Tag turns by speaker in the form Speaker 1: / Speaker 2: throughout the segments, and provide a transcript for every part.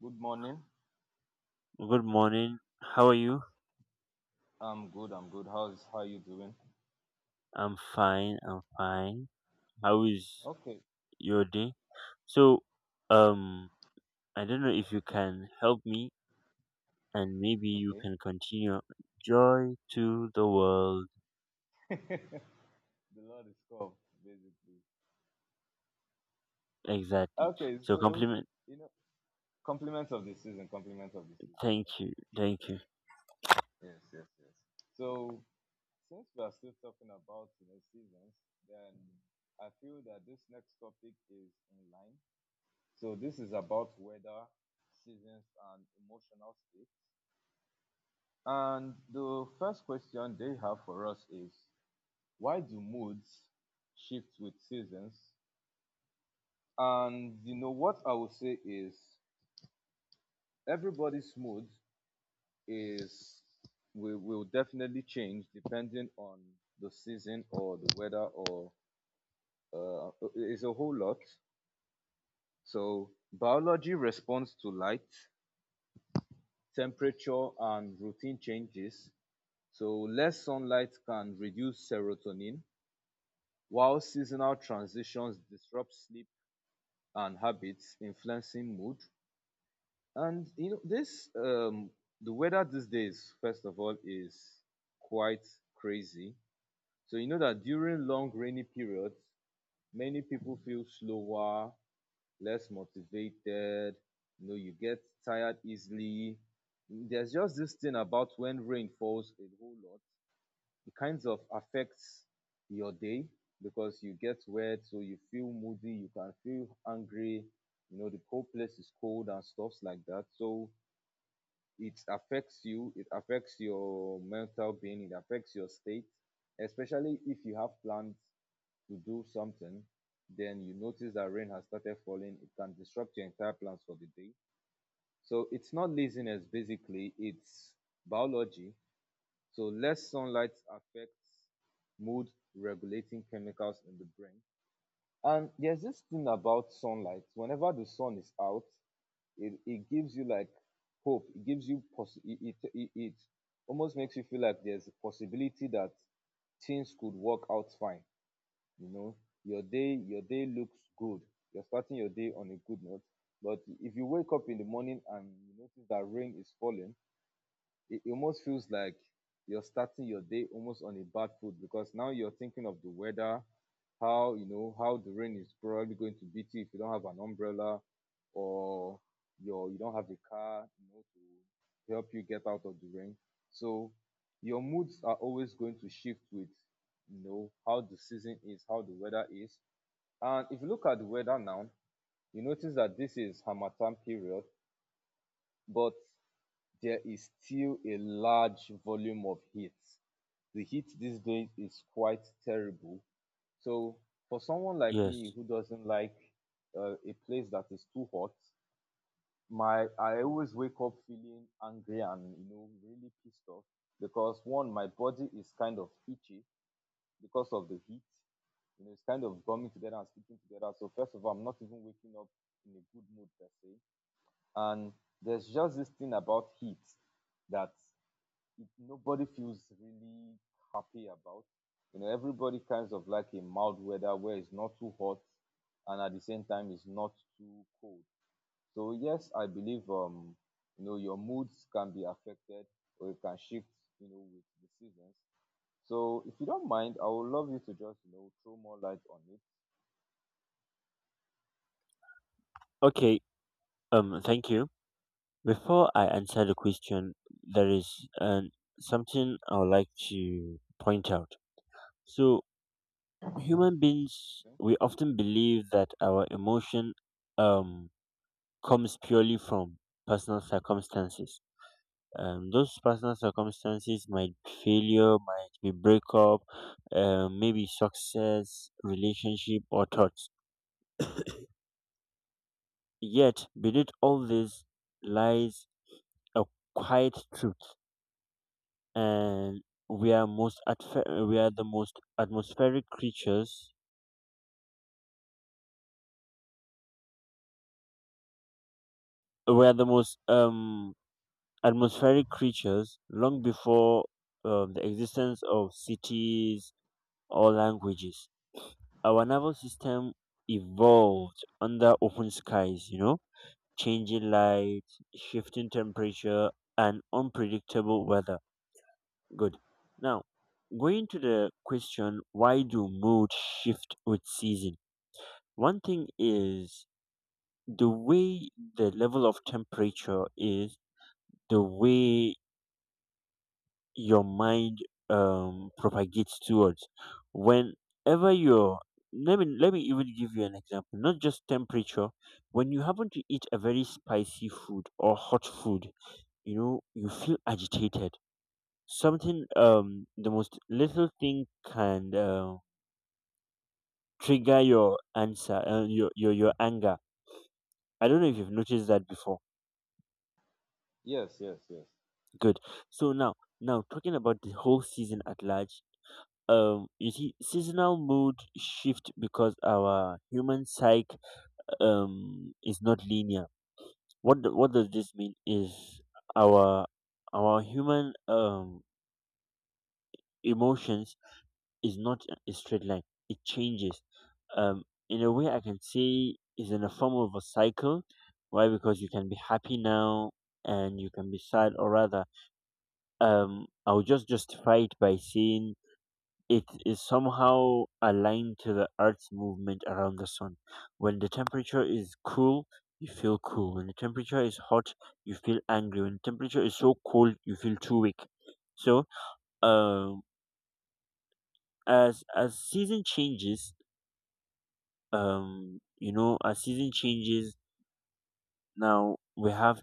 Speaker 1: Good morning.
Speaker 2: Good morning. How are you?
Speaker 1: I'm good. I'm good. How you doing?
Speaker 2: I'm fine. I'm fine. How is
Speaker 1: Okay.
Speaker 2: your day? So, um, I don't know if you can help me, and maybe you
Speaker 1: Okay.
Speaker 2: can continue. Joy to the world.
Speaker 1: the Lord is come, basically.
Speaker 2: Exactly.
Speaker 1: Okay,
Speaker 2: So,
Speaker 1: so
Speaker 2: compliment.
Speaker 1: you know, compliments of the season. Compliments of the season.
Speaker 2: Thank
Speaker 1: First of
Speaker 2: you.
Speaker 1: all.
Speaker 2: Thank you.
Speaker 1: Yes. Yes. Yes. So since we are still talking about seasons, then I feel that this next topic is in line. So this is about weather, seasons, and emotional states. And the first question they have for us is why do moods shift with seasons? And you know what I would say is everybody's mood is will definitely change depending on the season or the weather or it's a whole lot. So biology responds to light, temperature, and routine changes. So less sunlight can reduce serotonin, while seasonal transitions disrupt sleep and habits, influencing mood. And you know, this the weather these days, first of all, is quite crazy. So you know that during long rainy periods, many people feel slower, less motivated. You know, you get tired easily. There's just this thing about when rain falls a whole lot. It kind of affects your day because you get wet, so you feel moody, you can feel angry. You know, the whole place is cold and stuffs like that. So it affects your mental being, it affects your state, especially if you have plans to do something, then you notice that rain has started falling. It can disrupt your entire plans for the day. So it's not laziness, basically, it's biology. So less sunlight affects mood regulating chemicals in the brain. And there's this thing about sunlight: whenever the sun is out, it gives you like hope, it gives it, it almost makes you feel like there's a possibility that things could work out fine. You know, your day looks good, you're starting your day on a good note. But if you wake up in the morning and you notice that rain is falling, it almost feels like you're starting your day almost on a bad foot because now you're thinking of the weather, how you know how the rain is probably going to beat you if you don't have an umbrella, or you don't have a car, you know, to help you get out of the rain. So your moods are always going to shift with you know how the season is, how the weather is. And if you look at the weather now, you notice that this is Harmattan period, but there is still a large volume of heat. The heat these days is quite terrible. So for someone like me
Speaker 2: Yes.
Speaker 1: who doesn't like a place that is too hot, my I always wake up feeling angry and you know really pissed off because one, my body is kind of itchy because of the heat. You know, it's kind of coming together and sticking together. So first of all, I'm not even waking up in a good mood per se. And there's just this thing about heat that nobody feels really happy about. You know, everybody kinds of like a mild weather where it's not too hot and at the same time it's not too cold. So yes, I believe you know, your moods can be affected or it can shift, you know, with the seasons. So if you don't mind, I would love you to just, you know, throw more light on it.
Speaker 2: Okay. Thank you. Before I answer the question, there is an something I would like to point out. So, human beings,
Speaker 1: Okay.
Speaker 2: we often believe that our emotion um comes purely from personal circumstances. Those personal circumstances might be failure, might be breakup, maybe success, relationship, or thoughts. Yet beneath all this lies a quiet truth, and we are the most atmospheric creatures. We are the most
Speaker 1: Go-
Speaker 2: atmospheric creatures long before the existence of cities or languages. Our nervous system evolved under open skies, changing light, shifting temperature, and unpredictable weather. Good. Now, going to the question, why do mood shift with season? One thing is the way the level of temperature is, the way your mind propagates towards whenever you're. Let me even give you an example, not just temperature. When you happen to eat a very spicy food or hot food, you feel agitated. Something, the most little thing, can trigger your answer your anger. I don't know if you've noticed that before.
Speaker 1: Yes, yes, yes.
Speaker 2: Good. So now, talking about the whole season at large, you see, seasonal mood shift, because our human psyche is not linear. What does this mean is, our human emotions is not a straight line. It changes in a way, I can say, is in a form of a cycle. Why? Because you can be happy now, and you can be sad, or rather, I'll just justify it by saying, it is somehow aligned to the Earth's movement around the sun. When the temperature is cool, you feel cool. When the temperature is hot, you feel angry. When the temperature is so cold, you feel too weak. So, um, as season changes, um, you know, as season changes, Now we have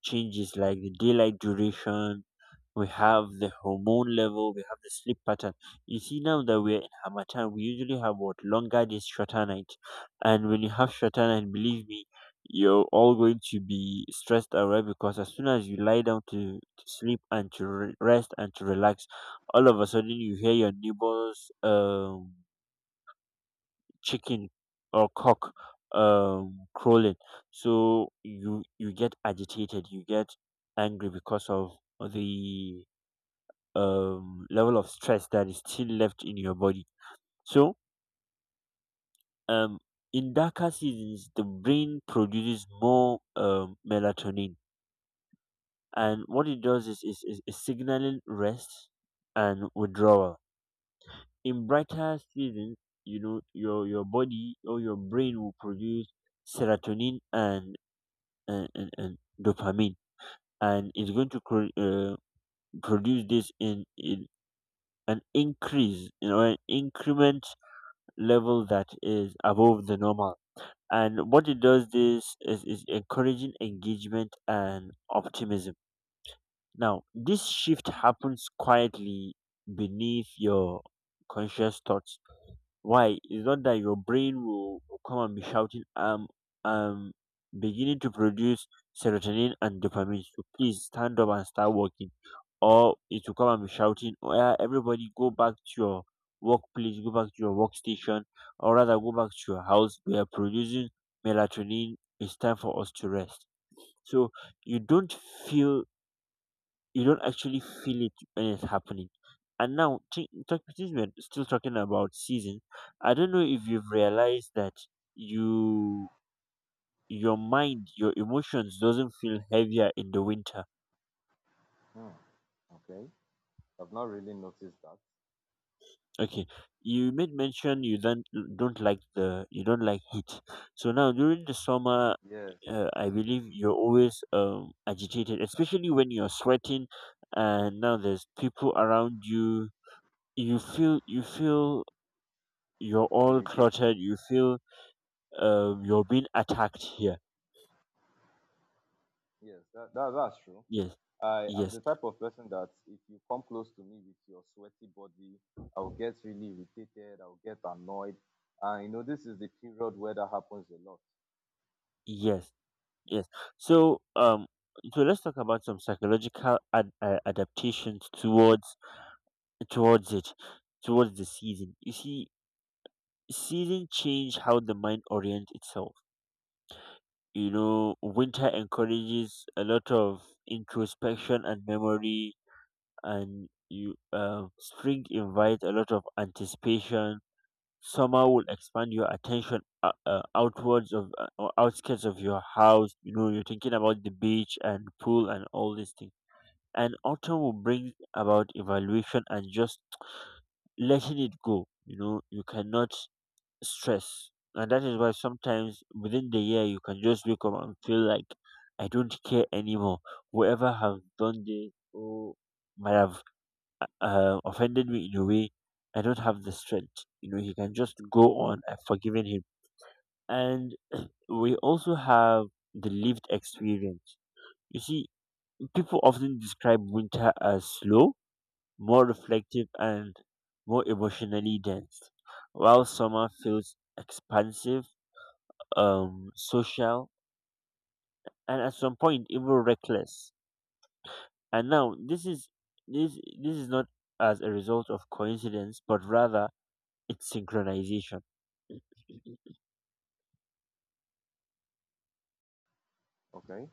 Speaker 2: changes like the daylight duration. We have the hormone level, we have the sleep pattern. You see, now that we're in Hamatan, we usually have what? Longer days, shorter night. And when you have shorter night, believe me, you're all going to be stressed out, right? Because as soon as you lie down to sleep, and to rest, and to relax, all of a sudden you hear your neighbors, chicken or cock crowing. So you get agitated, you get angry because of the level of stress that is still left in your body. So, um in darker seasons, the brain produces more melatonin. And what it does is signaling rest and withdrawal. In brighter seasons, your body, or your brain, will produce serotonin and dopamine. And it's going to produce this in an increase, an increment level that is above the normal. And what it does, this is encouraging engagement and optimism. Now this shift happens quietly beneath your conscious thoughts. Why? It's not that your brain will come and be shouting, I'm, I'm beginning to produce serotonin and dopamine, so please stand up and start working. Or it will come and be shouting, oh, yeah, everybody go back to your workplace, go back to your workstation, or rather, go back to your house. We are producing melatonin. It's time for us to rest. So you feel don't actually feel it when it's happening. And now, since we're still talking about seasons, I don't know if you've realized that you your mind, your emotions doesn't feel heavier in the winter.
Speaker 1: Hmm, okay. I've not really noticed that.
Speaker 2: Okay, you made mention you don't like heat. So now during the summer,
Speaker 1: Yes, yes.
Speaker 2: I believe you're always agitated, especially when you're sweating, and now there's people around you. You feel you're all
Speaker 1: Irritated.
Speaker 2: cluttered. You're being attacked here.
Speaker 1: Yes, that's true.
Speaker 2: Yes.
Speaker 1: I am
Speaker 2: Yes.
Speaker 1: the type of person that if you come close to me with your sweaty body, I'll get really irritated, I'll get annoyed. And you know, this is the period where that happens a lot.
Speaker 2: Yes. Yes. So, so let's talk about some psychological adaptations towards, it towards the season. You see, season change how the mind orients itself. Winter encourages a lot of introspection and memory. And you spring invites a lot of anticipation, somehow will expand your attention outwards of, or outskirts of your house. You're thinking about the beach and pool and all these things. And autumn will bring about evaluation and just letting it go. You cannot stress, and that is why sometimes within the year you can just wake up and feel like, I don't care anymore. Whoever have done this, or might have offended me in a way, I don't have the strength. He can just go on. I've forgiven him. And we also have the lived experience. You see, people often describe winter as slow, more reflective, and more emotionally dense, while summer feels expansive, social, and at some point even reckless. And now this is not as a result of coincidence, but rather, it's synchronization.
Speaker 1: Okay.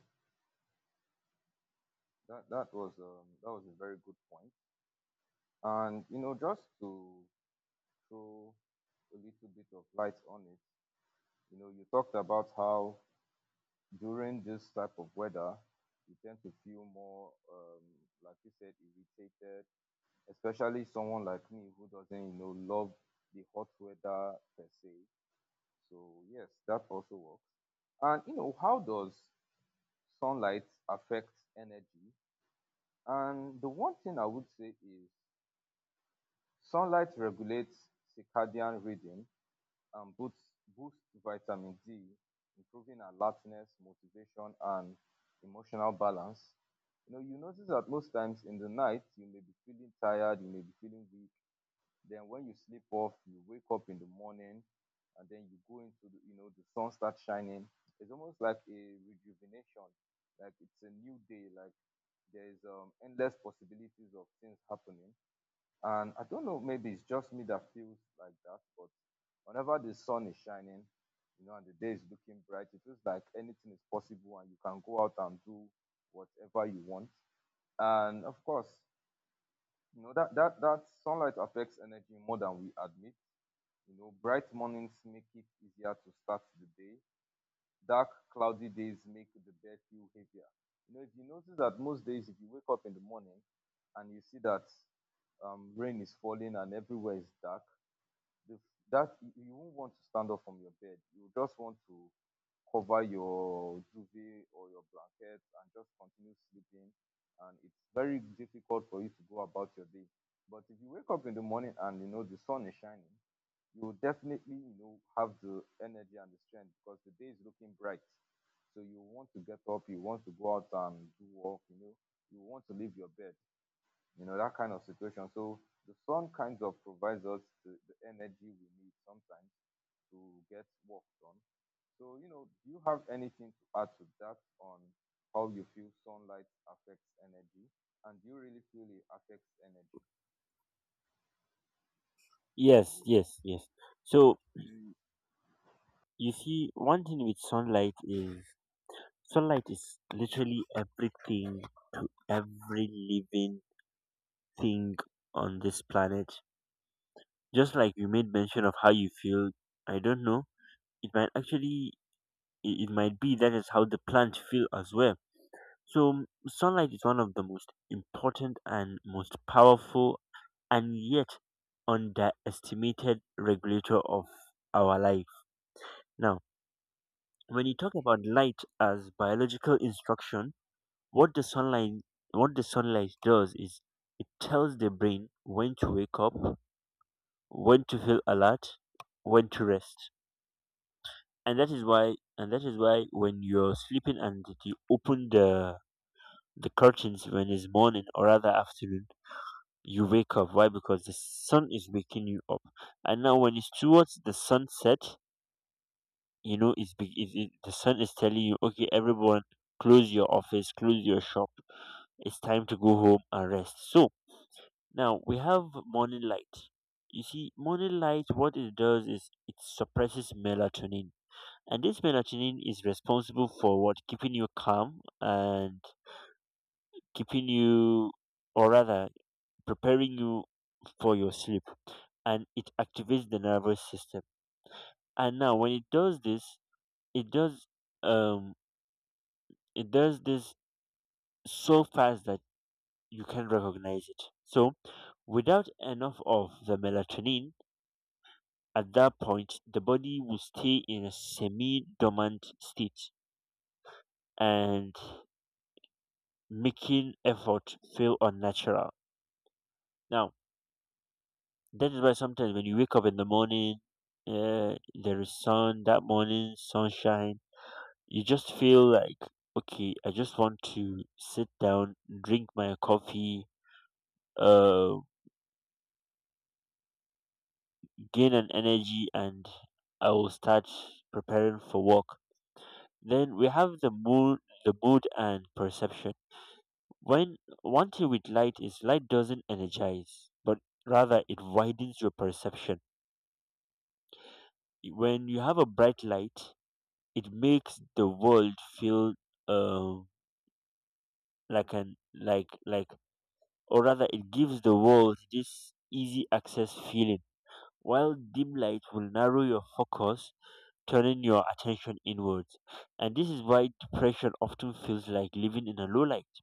Speaker 1: That was a very good point. And you know, just to throw a little bit of light on it, you know, you talked about how during this type of weather you tend to feel more like you said irritated, especially someone like me who doesn't, you know, love the hot weather per se. So yes, that also works. And you know, how does sunlight affect energy? And the one thing I would say is sunlight regulates circadian rhythm and boosts vitamin D, improving alertness, motivation, and emotional balance. You know, you notice that most times in the night you may be feeling tired, you may be feeling weak. Then when you sleep off, you wake up in the morning, and then you know the sun starts shining. It's almost like a rejuvenation, like it's a new day. Like there's endless possibilities of things happening. And I don't know, maybe it's just me that feels like that. But whenever the sun is shining, you know, and the day is looking bright, it feels like anything is possible, and you can go out and do whatever you want. And of course, you know that sunlight affects energy more than we admit. You know, bright mornings make it easier to start the day. Dark, cloudy days make the bed feel heavier. You know, if you notice that most days, if you wake up in the morning and you see that rain is falling and everywhere is dark, the, that you won't want to stand up from your bed. You just want to cover your duvet or your blanket and just continue sleeping. And it's very difficult for you to go about your day. But if you wake up in the morning and you know the sun is shining, you definitely you know have the energy and the strength because the day is looking bright, so you want to get up, you want to go out and do work. You know, you want to leave your bed, you know, that kind of situation. So the sun kind of provides us the energy we need sometimes to get work done. So you know, do you have anything to add to that on how you feel sunlight affects energy, and do you really feel it affects energy?
Speaker 2: Yes, yes, yes. So, you see, one thing with sunlight is, sunlight is literally everything, every living thing on this planet. Just like you made mention of how you feel, I don't know. It might actually, it might be that is how the plant feel as well. So sunlight is one of the most important and most powerful, and yet underestimated, regulator of our life. Now, when you talk about light as biological instruction, what the sunlight what the sunlight does is, it tells the brain when to wake up, when to feel alert, when to rest. And that is why, when you're sleeping and you open the curtains when it's morning, or rather afternoon, you wake up. Why? Because the sun is waking you up. And now when it's towards the sunset, it's, be- it, the sun is telling you, okay, everyone, close your office, close your shop. It's time to go home and rest. So now we have morning light. You see, morning light, what it does is, it suppresses melatonin. And this melatonin is responsible for what? Keeping you calm, and keeping you, or rather, preparing you for your sleep. And it activates the nervous system. And now when it does this, it does um it does this so fast that you can recognize it. So without enough of the melatonin, at that point the body will stay in a semi dormant state, and making effort feel unnatural. Now, that is why sometimes when you wake up in the morning, uh, there is sun, that morning sunshine, you just feel like, okay, I just want to sit down, drink my coffee, uh gain an energy, and I will start preparing for work. Then we have the mood and perception. When one thing with light is, light doesn't energize, but rather it widens your perception. When you have a bright light, it makes the world feel, um like an like or rather, it gives the walls this easy access feeling, while dim light will narrow your focus, turning your attention inwards. And this is why depression often feels like living in a low light.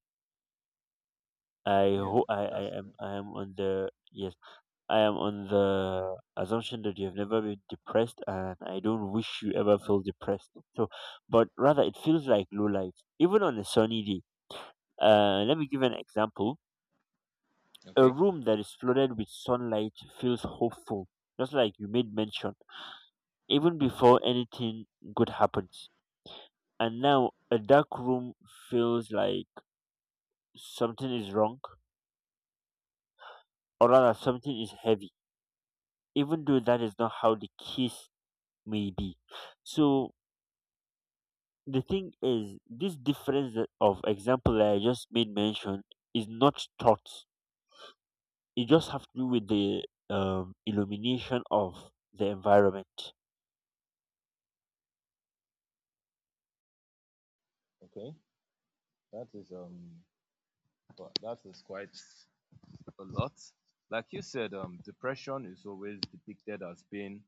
Speaker 1: Yeah, that's true.
Speaker 2: I am on the yes I am on the assumption that you have never been depressed, and I don't wish you ever feel depressed. So, but rather, it feels like low light even on a sunny day. Let me give an example. A
Speaker 1: Okay,
Speaker 2: room that is flooded with sunlight feels hopeful, just like you made mention, even before anything good happens. And now a dark room feels like something is wrong, or rather, something is heavy, even though that is not how the case may be. So, the thing is, this difference of example that I just made mention is not taught. It just have to do with the illumination of the environment.
Speaker 1: okay. That is but that is quite a lot. Like you said, depression is always depicted as being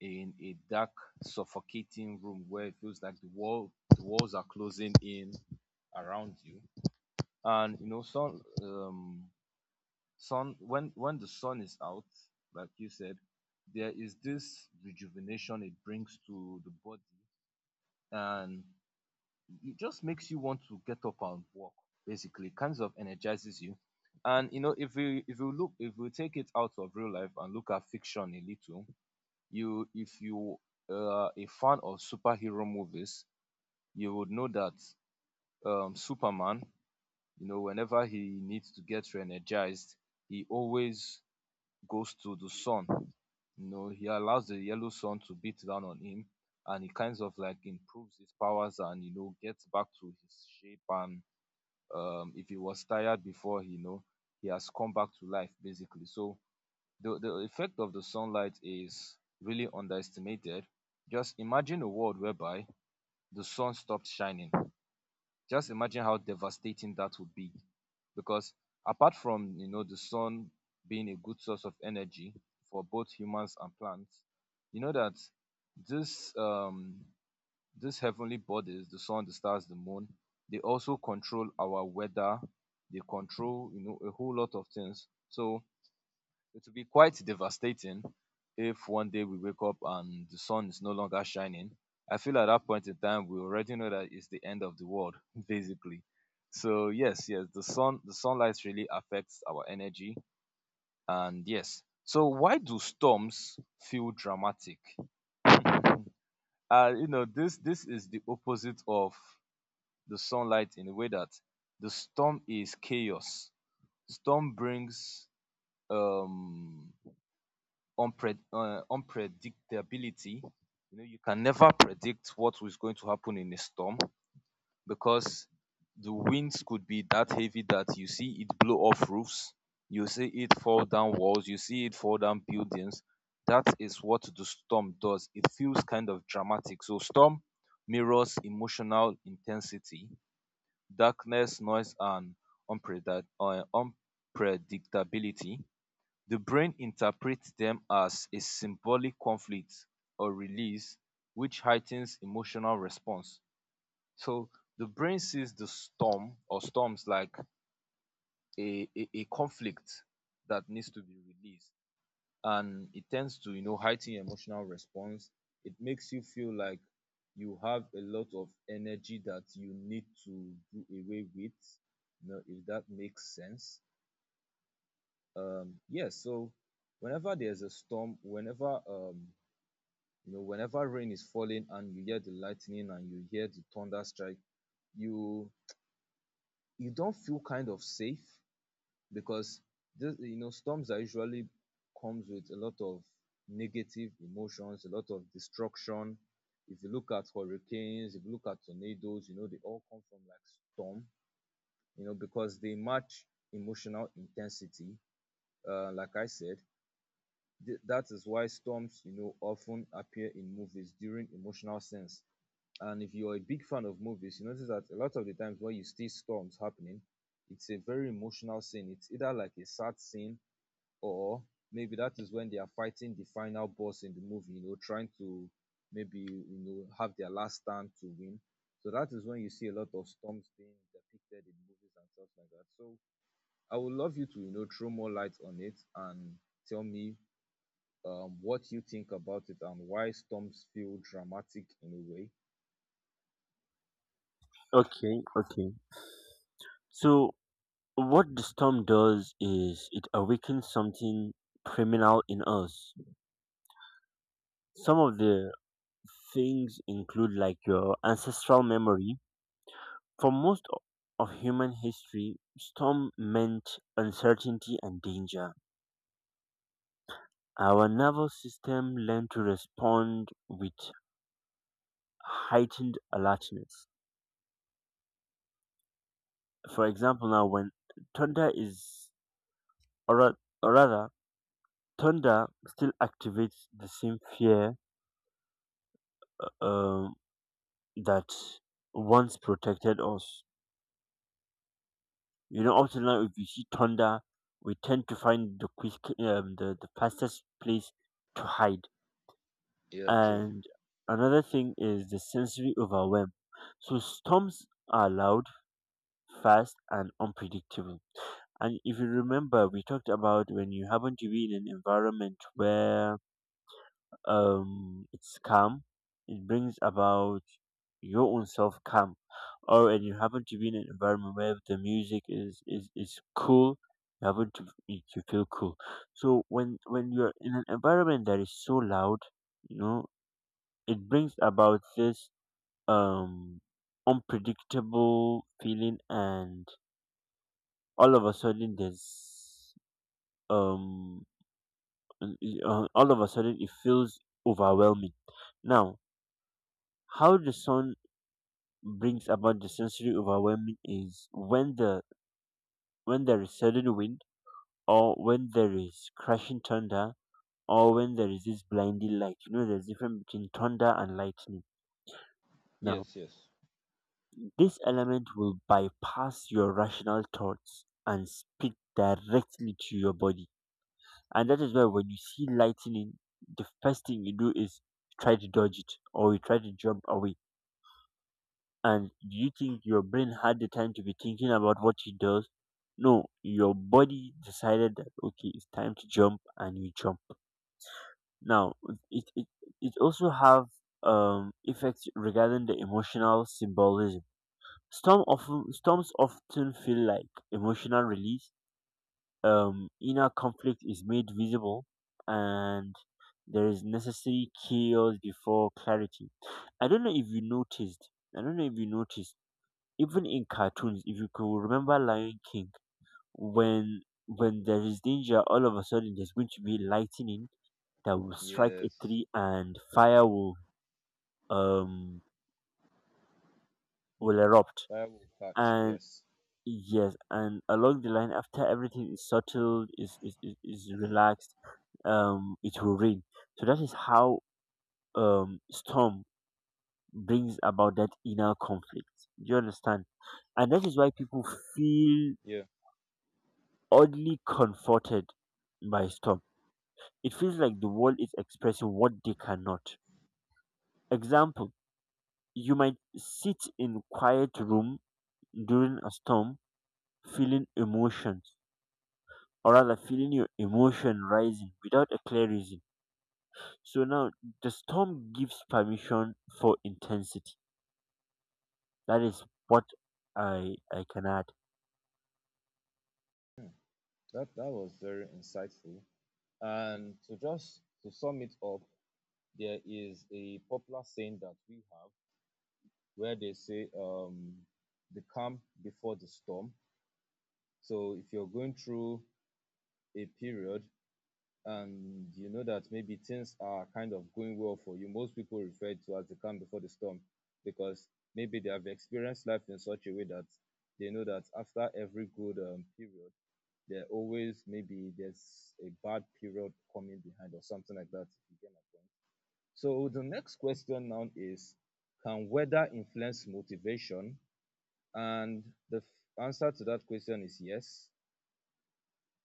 Speaker 1: in a dark, suffocating room where it feels like the walls are closing in around you. And you know, sun. When the sun is out, like you said, there is this rejuvenation it brings to the body, and it just makes you want to get up and walk, basically kinds of energizes you. And you know, if you look if you take it out of real life and look at fiction a little, you if you are a fan of superhero movies, you would know that Superman, you know, whenever he needs to get re-energized, he always goes to the sun. You know, he allows the yellow sun to beat down on him, and he kinds of like improves his powers and you know gets back to his shape. And if he was tired before, you know, he has come back to life, basically. So the effect of the sunlight is really underestimated. Just imagine a world whereby the sun stopped shining. Just imagine how devastating that would be. Because apart from you know the sun being a good source of energy for both humans and plants, you know that this these heavenly bodies, the sun, the stars, the moon, they also control our weather. They control, you know, a whole lot of things. So it will be quite devastating if one day we wake up and the sun is no longer shining. I feel at that point in time we already know that it's the end of the world, basically. So yes, yes, the sun, the sunlight really affects our energy. And yes, so why do storms feel dramatic? You know, this is the opposite of the sunlight in a way that the storm is chaos. Storm brings um, unpredictability. You know, you can never predict what is going to happen in a storm because the winds could be that heavy that you see it blow off roofs, you see it fall down walls, you see it fall down buildings. That is what the storm does. It feels kind of dramatic. So storm mirrors emotional intensity, darkness, noise, and unpreda- uh, unpredictability. The brain interprets them as a symbolic conflict or release, which heightens emotional response. So the brain sees the storm or storms like a conflict that needs to be released, and it tends to heighten your emotional response. It makes you feel like you have a lot of energy that you need to do away with, if that makes sense. Um yeah so whenever there's a storm, whenever whenever rain is falling and you hear the lightning and you hear the thunder strike, you you don't feel kind of safe, because this you know storms are usually comes with a lot of negative emotions, a lot of destruction. If you look at hurricanes, if you look at tornadoes, you know they all come from like storm, you know, because they match emotional intensity. Like I said, that is why storms, you know, often appear in movies during emotional scenes. And if you're a big fan of movies, you notice that a lot of the times when you see storms happening, it's a very emotional scene. It's either like a sad scene, or maybe that is when they are fighting the final boss in the movie, you know, trying to maybe you know have their last stand to win. So that is when you see a lot of storms being depicted in movies and stuff like that. So I would love you to you know throw more light on it and tell me what you think about it and why storms feel dramatic in a way.
Speaker 2: Okay, okay. So what the storm does is, it awakens something criminal in us. Some of the things include, like, your ancestral memory. For most of human history, storm meant uncertainty and danger. Our nervous system learned to respond with heightened alertness. For example, now when thunder is, or ra- or rather, thunder still activates the same fear um, that once protected us. Up till now, if we see thunder, we tend to find the fastest place to hide.
Speaker 1: Yeah, true.
Speaker 2: And another thing is the sensory overwhelm. So storms are loud, fast, and unpredictable. And if you remember, we talked about when you happen to be in an environment where it's calm, it brings about your own self calm, or and you happen to be in an environment where the music is cool, you to feel cool. So when you're in an environment that is so loud, you know, it brings about this um unpredictable feeling, and all of a sudden there's um all of a sudden it feels overwhelming. Now, how the sound brings about the sensory overwhelming is when there is sudden wind, or when there is crashing thunder, or when there is this blinding light. You know, there's difference between thunder and lightning. Now
Speaker 1: Yes, yes,
Speaker 2: this element will bypass your rational thoughts and speak directly to your body, and that is why when you see lightning, the first thing you do is try to dodge it, or you try to jump away. And do you think your brain had the time to be thinking about what it does? No, your body decided that, okay, it's time to jump, and you jump. Now, it it it also have effects regarding the emotional symbolism. Storms often feel like emotional release. Inner conflict is made visible, and there is necessary chaos before clarity. I don't know if you noticed. I don't know if you noticed even in cartoons, if you could remember Lion King, when there is danger, all of a sudden there's going to be lightning that will strike a
Speaker 1: yes.
Speaker 2: tree, and fire um will erupt.
Speaker 1: That will catch.
Speaker 2: And
Speaker 1: Yes,
Speaker 2: yes, and along the line after everything is settled, is relaxed, it will rain. So that is how storm brings about that inner conflict. Do you understand? And that is why people feel
Speaker 1: yeah.
Speaker 2: oddly comforted by storm. It feels like the world is expressing what they cannot. Example, you might sit in quiet room during a storm feeling emotions, or rather feeling your emotion rising without a clear reason. So now the storm gives permission for intensity. That is what I can add.
Speaker 1: That was very insightful. And to just to sum it up, there is a popular saying that we have where they say the calm before the storm. So if you're going through a period and you know that maybe things are kind of going well for you, most people refer to as the calm before the storm, because maybe they have experienced life in such a way that they know that after every good period, there always maybe there's a bad period coming behind or something like that, if you get my point. So the next question now is, can weather influence motivation? And the f- answer to that question is yes.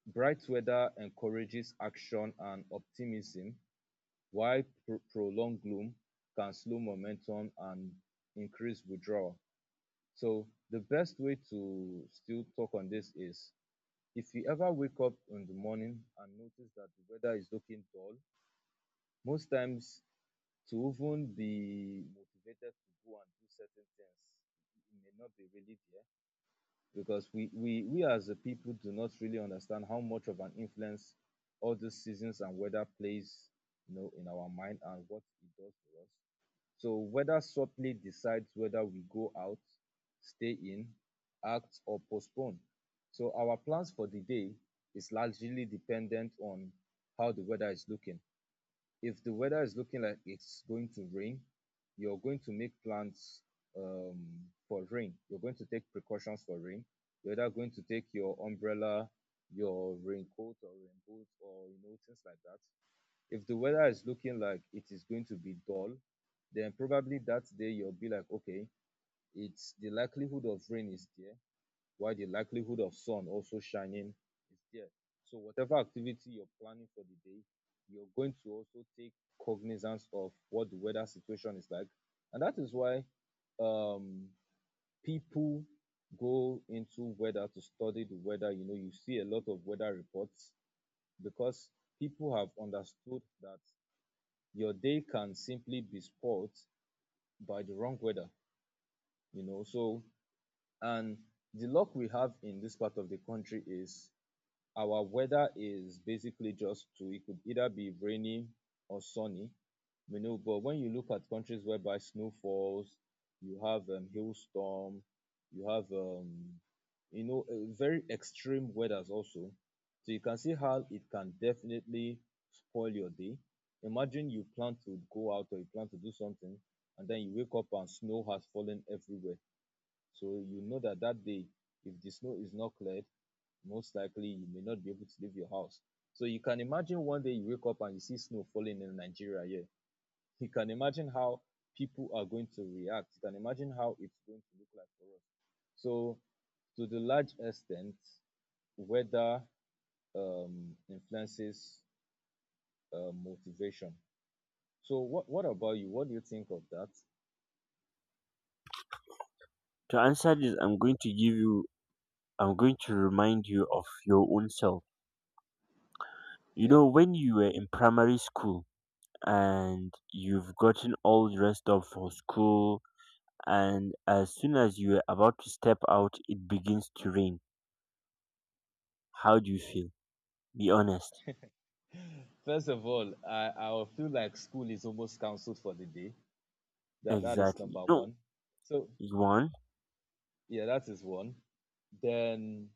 Speaker 1: Bright weather encourages action and optimism, while prolonged gloom can slow momentum and increase withdrawal. So the best way to still talk on this is, if you ever wake up in the morning and notice that the weather is looking dull, most times to even be motivated to go and do certain things, it may not be really there, because we as a people do not really understand how much of an influence all the seasons and weather plays, you know, in our mind and what it does for us. So weather subtly decides whether we go out, stay in, act or postpone. So our plans for the day is largely dependent on how the weather is looking. If the weather is looking like it's going to rain, you're going to make plans um, for rain. You're going to take precautions for rain. You're either going to take your umbrella, your raincoat or rainboot, or you know things like that. If the weather is looking like it is going to be dull, then probably that day you'll be like, okay, it's the likelihood of rain is there, while the likelihood of sun also shining is there. So, whatever activity you're planning for the day, you're going to also take cognizance of what the weather situation is like. And that is why um, people go into weather to study the weather. You know, you see a lot of weather reports because people have understood that your day can simply be spoiled by the wrong weather, you know. So, and the luck we have in this part of the country is our weather is basically just two. It could either be rainy or sunny, you know. But when you look at countries whereby snow falls, you have hailstorm, you have very extreme weathers also. So you can see how it can definitely spoil your day. Imagine you plan to go out or you plan to do something, and then you wake up and snow has fallen everywhere. So you know that that day, if the snow is not cleared, most likely you may not be able to leave your house. So you can imagine one day you wake up and you see snow falling in Nigeria here. You can imagine how people are going to react. You can imagine how it's going to look like for us. So to the large extent, weather influences motivation. So what about you? What do you think of that?
Speaker 2: To answer this, I'm going to give you, I'm going to remind you of your own self. You
Speaker 1: Yeah.
Speaker 2: know, when you were in primary school and you've gotten all dressed up for school, and as soon as you're about to step out, it begins to rain, how do you feel? Be honest.
Speaker 1: First of all, I feel like school is almost cancelled for the day. That is
Speaker 2: Exactly.
Speaker 1: number
Speaker 2: No,
Speaker 1: one. So
Speaker 2: you want.
Speaker 1: yeah, that is one. Then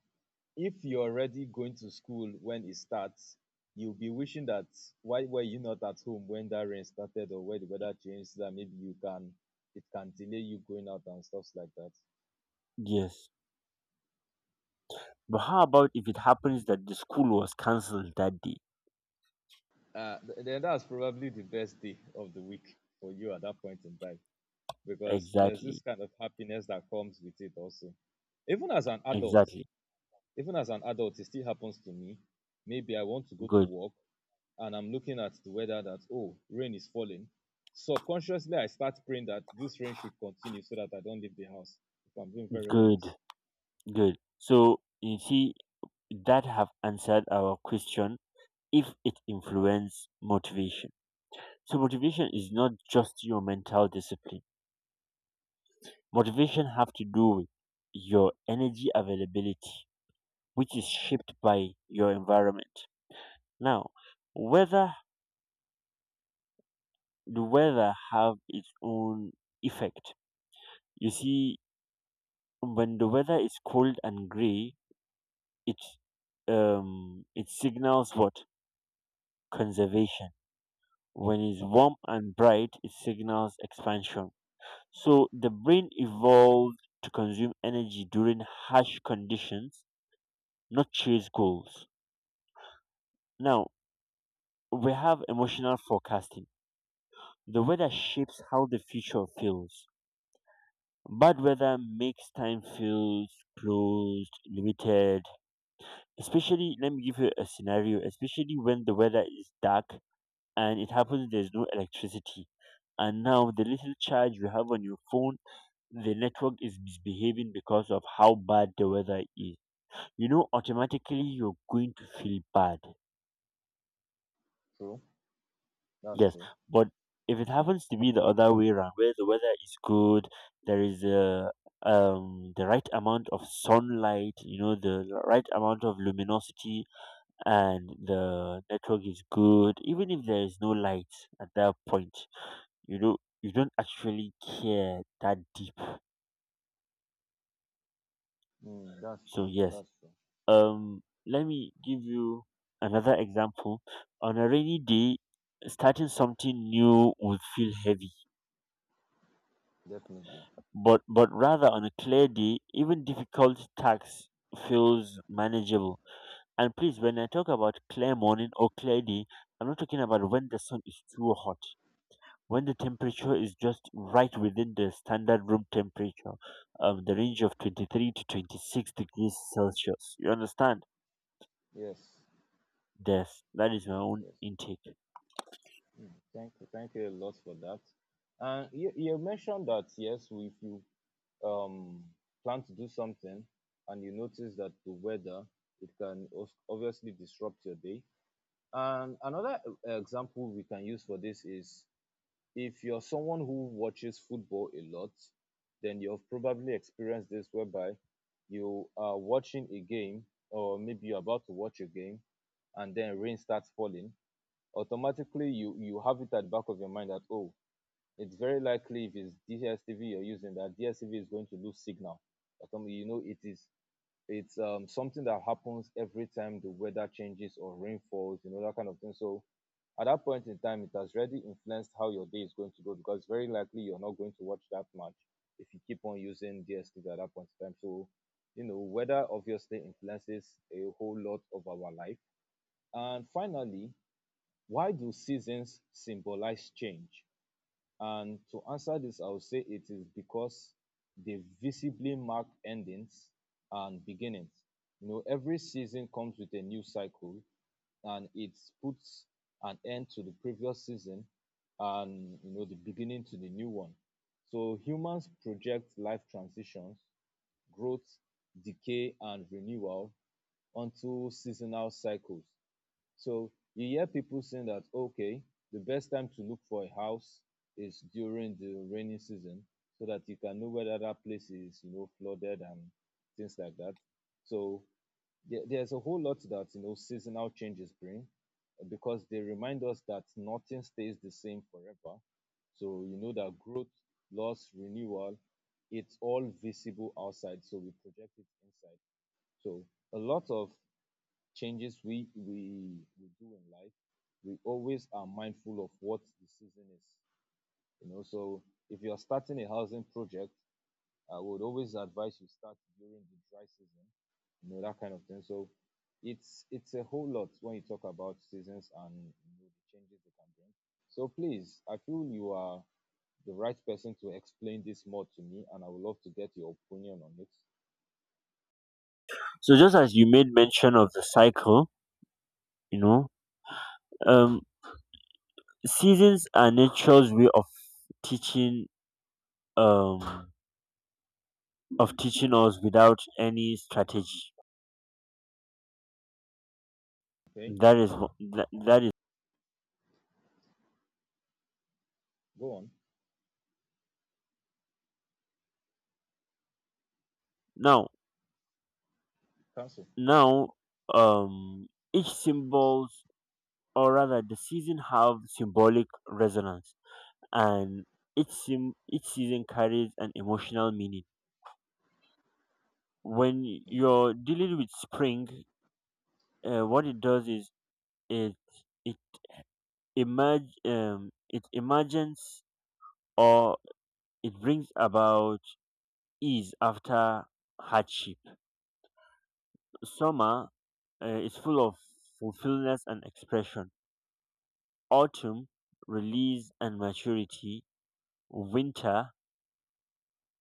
Speaker 1: if you're already going to school when it starts, you'll be wishing that why were you not at home when that rain started or when the weather changed, so that maybe you can it can delay you going out and stuffs like that.
Speaker 2: Yes, but how about if it happens that the school was cancelled that day?
Speaker 1: Uh, then that's probably the best day of the week for you at that point in time, because there's this
Speaker 2: Exactly.
Speaker 1: kind of happiness that comes with it also. Even as an adult,
Speaker 2: Exactly.
Speaker 1: even as an adult, it still happens to me. Maybe I want to go to
Speaker 2: Good.
Speaker 1: work and I'm looking at the weather that, oh, rain is falling, subconsciously I start praying that this rain should continue so that I don't leave the house, if I'm being very honest.
Speaker 2: Good. Good, so you see that have answered our question, if it influence motivation. So motivation is not just your mental discipline, motivation have to do with your energy availability, which is shaped by your environment. Now, whether the weather have its own effect. You see, when the weather is cold and gray, it it signals what? Conservation. When it's warm and bright, it signals expansion. So the brain evolved to consume energy during harsh conditions, not chase goals. Now, we have emotional forecasting. The weather shapes how the future feels. Bad weather makes time feel closed, limited. Especially, let me give you a scenario, especially when the weather is dark and it happens there's no electricity. And now the little charge you have on your phone, the network is misbehaving because of how bad the weather is. You know, automatically you're going to feel bad.
Speaker 1: True. That's
Speaker 2: Yes,
Speaker 1: true.
Speaker 2: but if it happens to be the other way around, where the weather is good, there is a the right amount of sunlight, you know, the right amount of luminosity, and the network is good. Even if there is no light at that point, you know, you don't actually care that deep.
Speaker 1: Mm, that's
Speaker 2: So
Speaker 1: true.
Speaker 2: yes,
Speaker 1: That's true.
Speaker 2: let me give you another example. On a rainy day, starting something new would feel heavy,
Speaker 1: Definitely.
Speaker 2: but rather on a clear day, even difficult tasks feels manageable. And please, when I talk about clear morning or clear day, I'm not talking about when the sun is too hot. When the temperature is just right within the standard room temperature, the range of 23 to 26 degrees Celsius. You understand?
Speaker 1: Yes.
Speaker 2: Yes, that is my
Speaker 1: Yes.
Speaker 2: own
Speaker 1: Yes.
Speaker 2: intake.
Speaker 1: Mm, thank you. Thank you a lot for that. And you mentioned that yes, if you um plan to do something and you notice that the weather it can obviously disrupt your day. And another example we can use for this is, if you're someone who watches football a lot, then you've probably experienced this whereby you are watching a game, or maybe you're about to watch a game, and then rain starts falling. Automatically you have it at the back of your mind that oh, it's very likely if it's DSTV you're using that DSTV is going to lose signal. You know, it's something that happens every time the weather changes or rainfalls, you know, that kind of thing. So at that point in time, it has already influenced how your day is going to go, because very likely you're not going to watch that much if you keep on using DSTV at that point in time. So, you know, weather obviously influences a whole lot of our life. And finally, why do seasons symbolize change? And to answer this, I would say it is because they visibly mark endings and beginnings. You know, every season comes with a new cycle, and it puts an end to the previous season and you know the beginning to the new one. So humans project life transitions, growth, decay, and renewal onto seasonal cycles. So you hear people saying that, okay, the best time to look for a house is during the rainy season, so that you can know whether that place is, you know, flooded and things like that. So there's a whole lot that, you know, seasonal changes bring, because they remind us that nothing stays the same forever. So you know that growth, loss, renewal, it's all visible outside. So we project it inside. So a lot of changes we do in life, we always are mindful of what the season is. You know, so if you are starting a housing project, I would always advise you start during the dry season. You know that kind of thing. So it's a whole lot when you talk about seasons and you know, the changes they can bring. So please, I feel you are the right person to explain this more to me, and I would love to get your opinion on it.
Speaker 2: So just as you made mention of the cycle, you know, um, seasons are nature's way of teaching. Um, of teaching us without any strategy.
Speaker 1: Okay,
Speaker 2: That is
Speaker 1: go on,
Speaker 2: now.
Speaker 1: cancel.
Speaker 2: Now um each symbols, or rather the season have symbolic resonance, and each season carries an emotional meaning. When
Speaker 1: Mm.
Speaker 2: you're dealing with spring, what it does is it it emerge, it emerges, or it brings about ease after hardship. Summer, uh, it's full of fulfillment and expression. Autumn, release and maturity. Winter,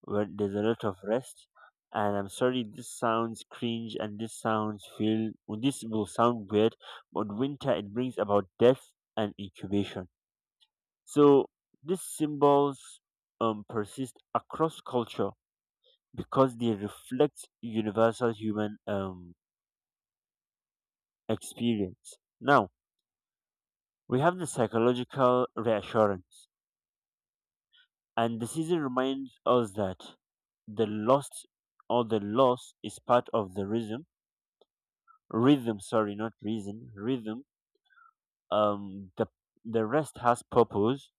Speaker 2: where there's a lot of rest. And I'm sorry, this sounds cringe and This will sound weird, but winter, it brings about death and incubation. So these symbols persist across culture because they reflect universal human experience. Now we have the psychological reassurance, and the season reminds us that the lost, or the loss, is part of the rhythm, sorry, not reason, rhythm. um the the rest has purpose,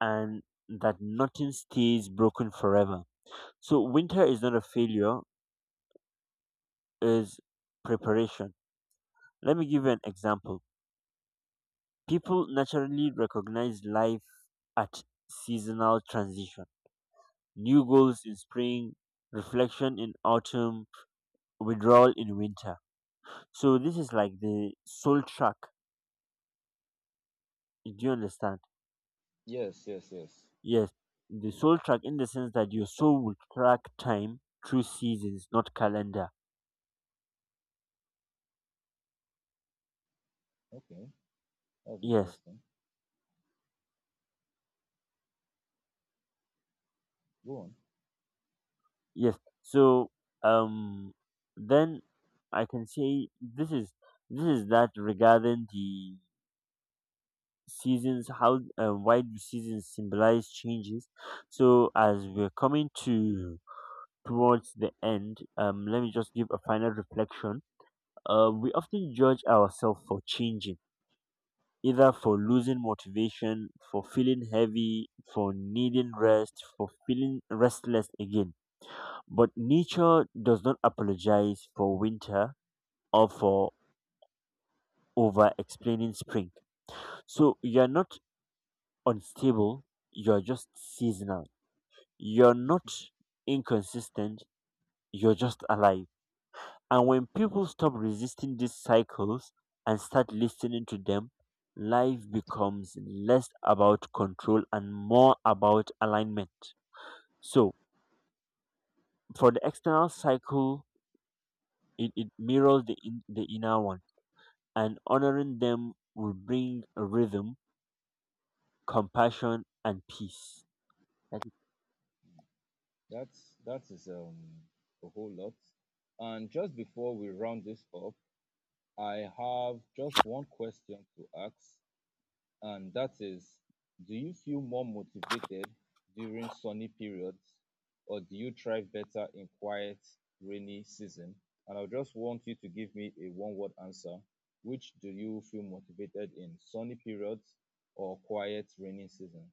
Speaker 2: and that nothing stays broken forever. So winter is not a failure, is preparation. Let me give you an example. People naturally recognize life at seasonal transition, new goals in spring, reflection in autumn, withdrawal in winter. So this is like the soul track. Do you understand?
Speaker 1: Yes, yes, yes.
Speaker 2: Yes, the soul track in the sense that your soul will track time through seasons, not calendar.
Speaker 1: Okay. That's
Speaker 2: Yes,
Speaker 1: interesting. Go on.
Speaker 2: yes. So, um, then I can say this is, this is that regarding the seasons. How, why do seasons symbolize changes? So as we're coming to towards the end, let me just give a final reflection. We often judge ourselves for changing, either for losing motivation, for feeling heavy, for needing rest, for feeling restless again. But nature does not apologize for winter or for over explaining spring. So you're not unstable, you're just seasonal. You're not inconsistent, you're just alive. And when people stop resisting these cycles and start listening to them, life becomes less about control and more about alignment. So for the external
Speaker 1: Wow.
Speaker 2: cycle, it mirrors the, the inner one, and honoring them will bring a rhythm, compassion, and peace. That is
Speaker 1: That is a whole lot. And just before we round this up, I have just one question to ask, and that is, do you feel more motivated during sunny periods, or do you thrive better in quiet, rainy season? And I just want you to give me a one-word answer. Which do you feel motivated in, sunny periods or quiet, rainy season?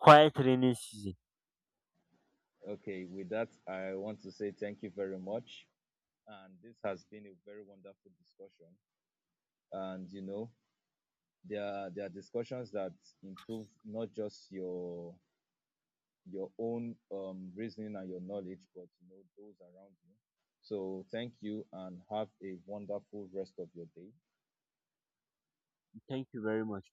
Speaker 2: quiet rainy season.
Speaker 1: Okay, with that, I want to say thank you very much. And this has been a very wonderful discussion. And you know, there are discussions that improve not just your own reasoning and your knowledge, but you know those around you. So thank you, and have a wonderful rest of your day.
Speaker 2: Thank you very much.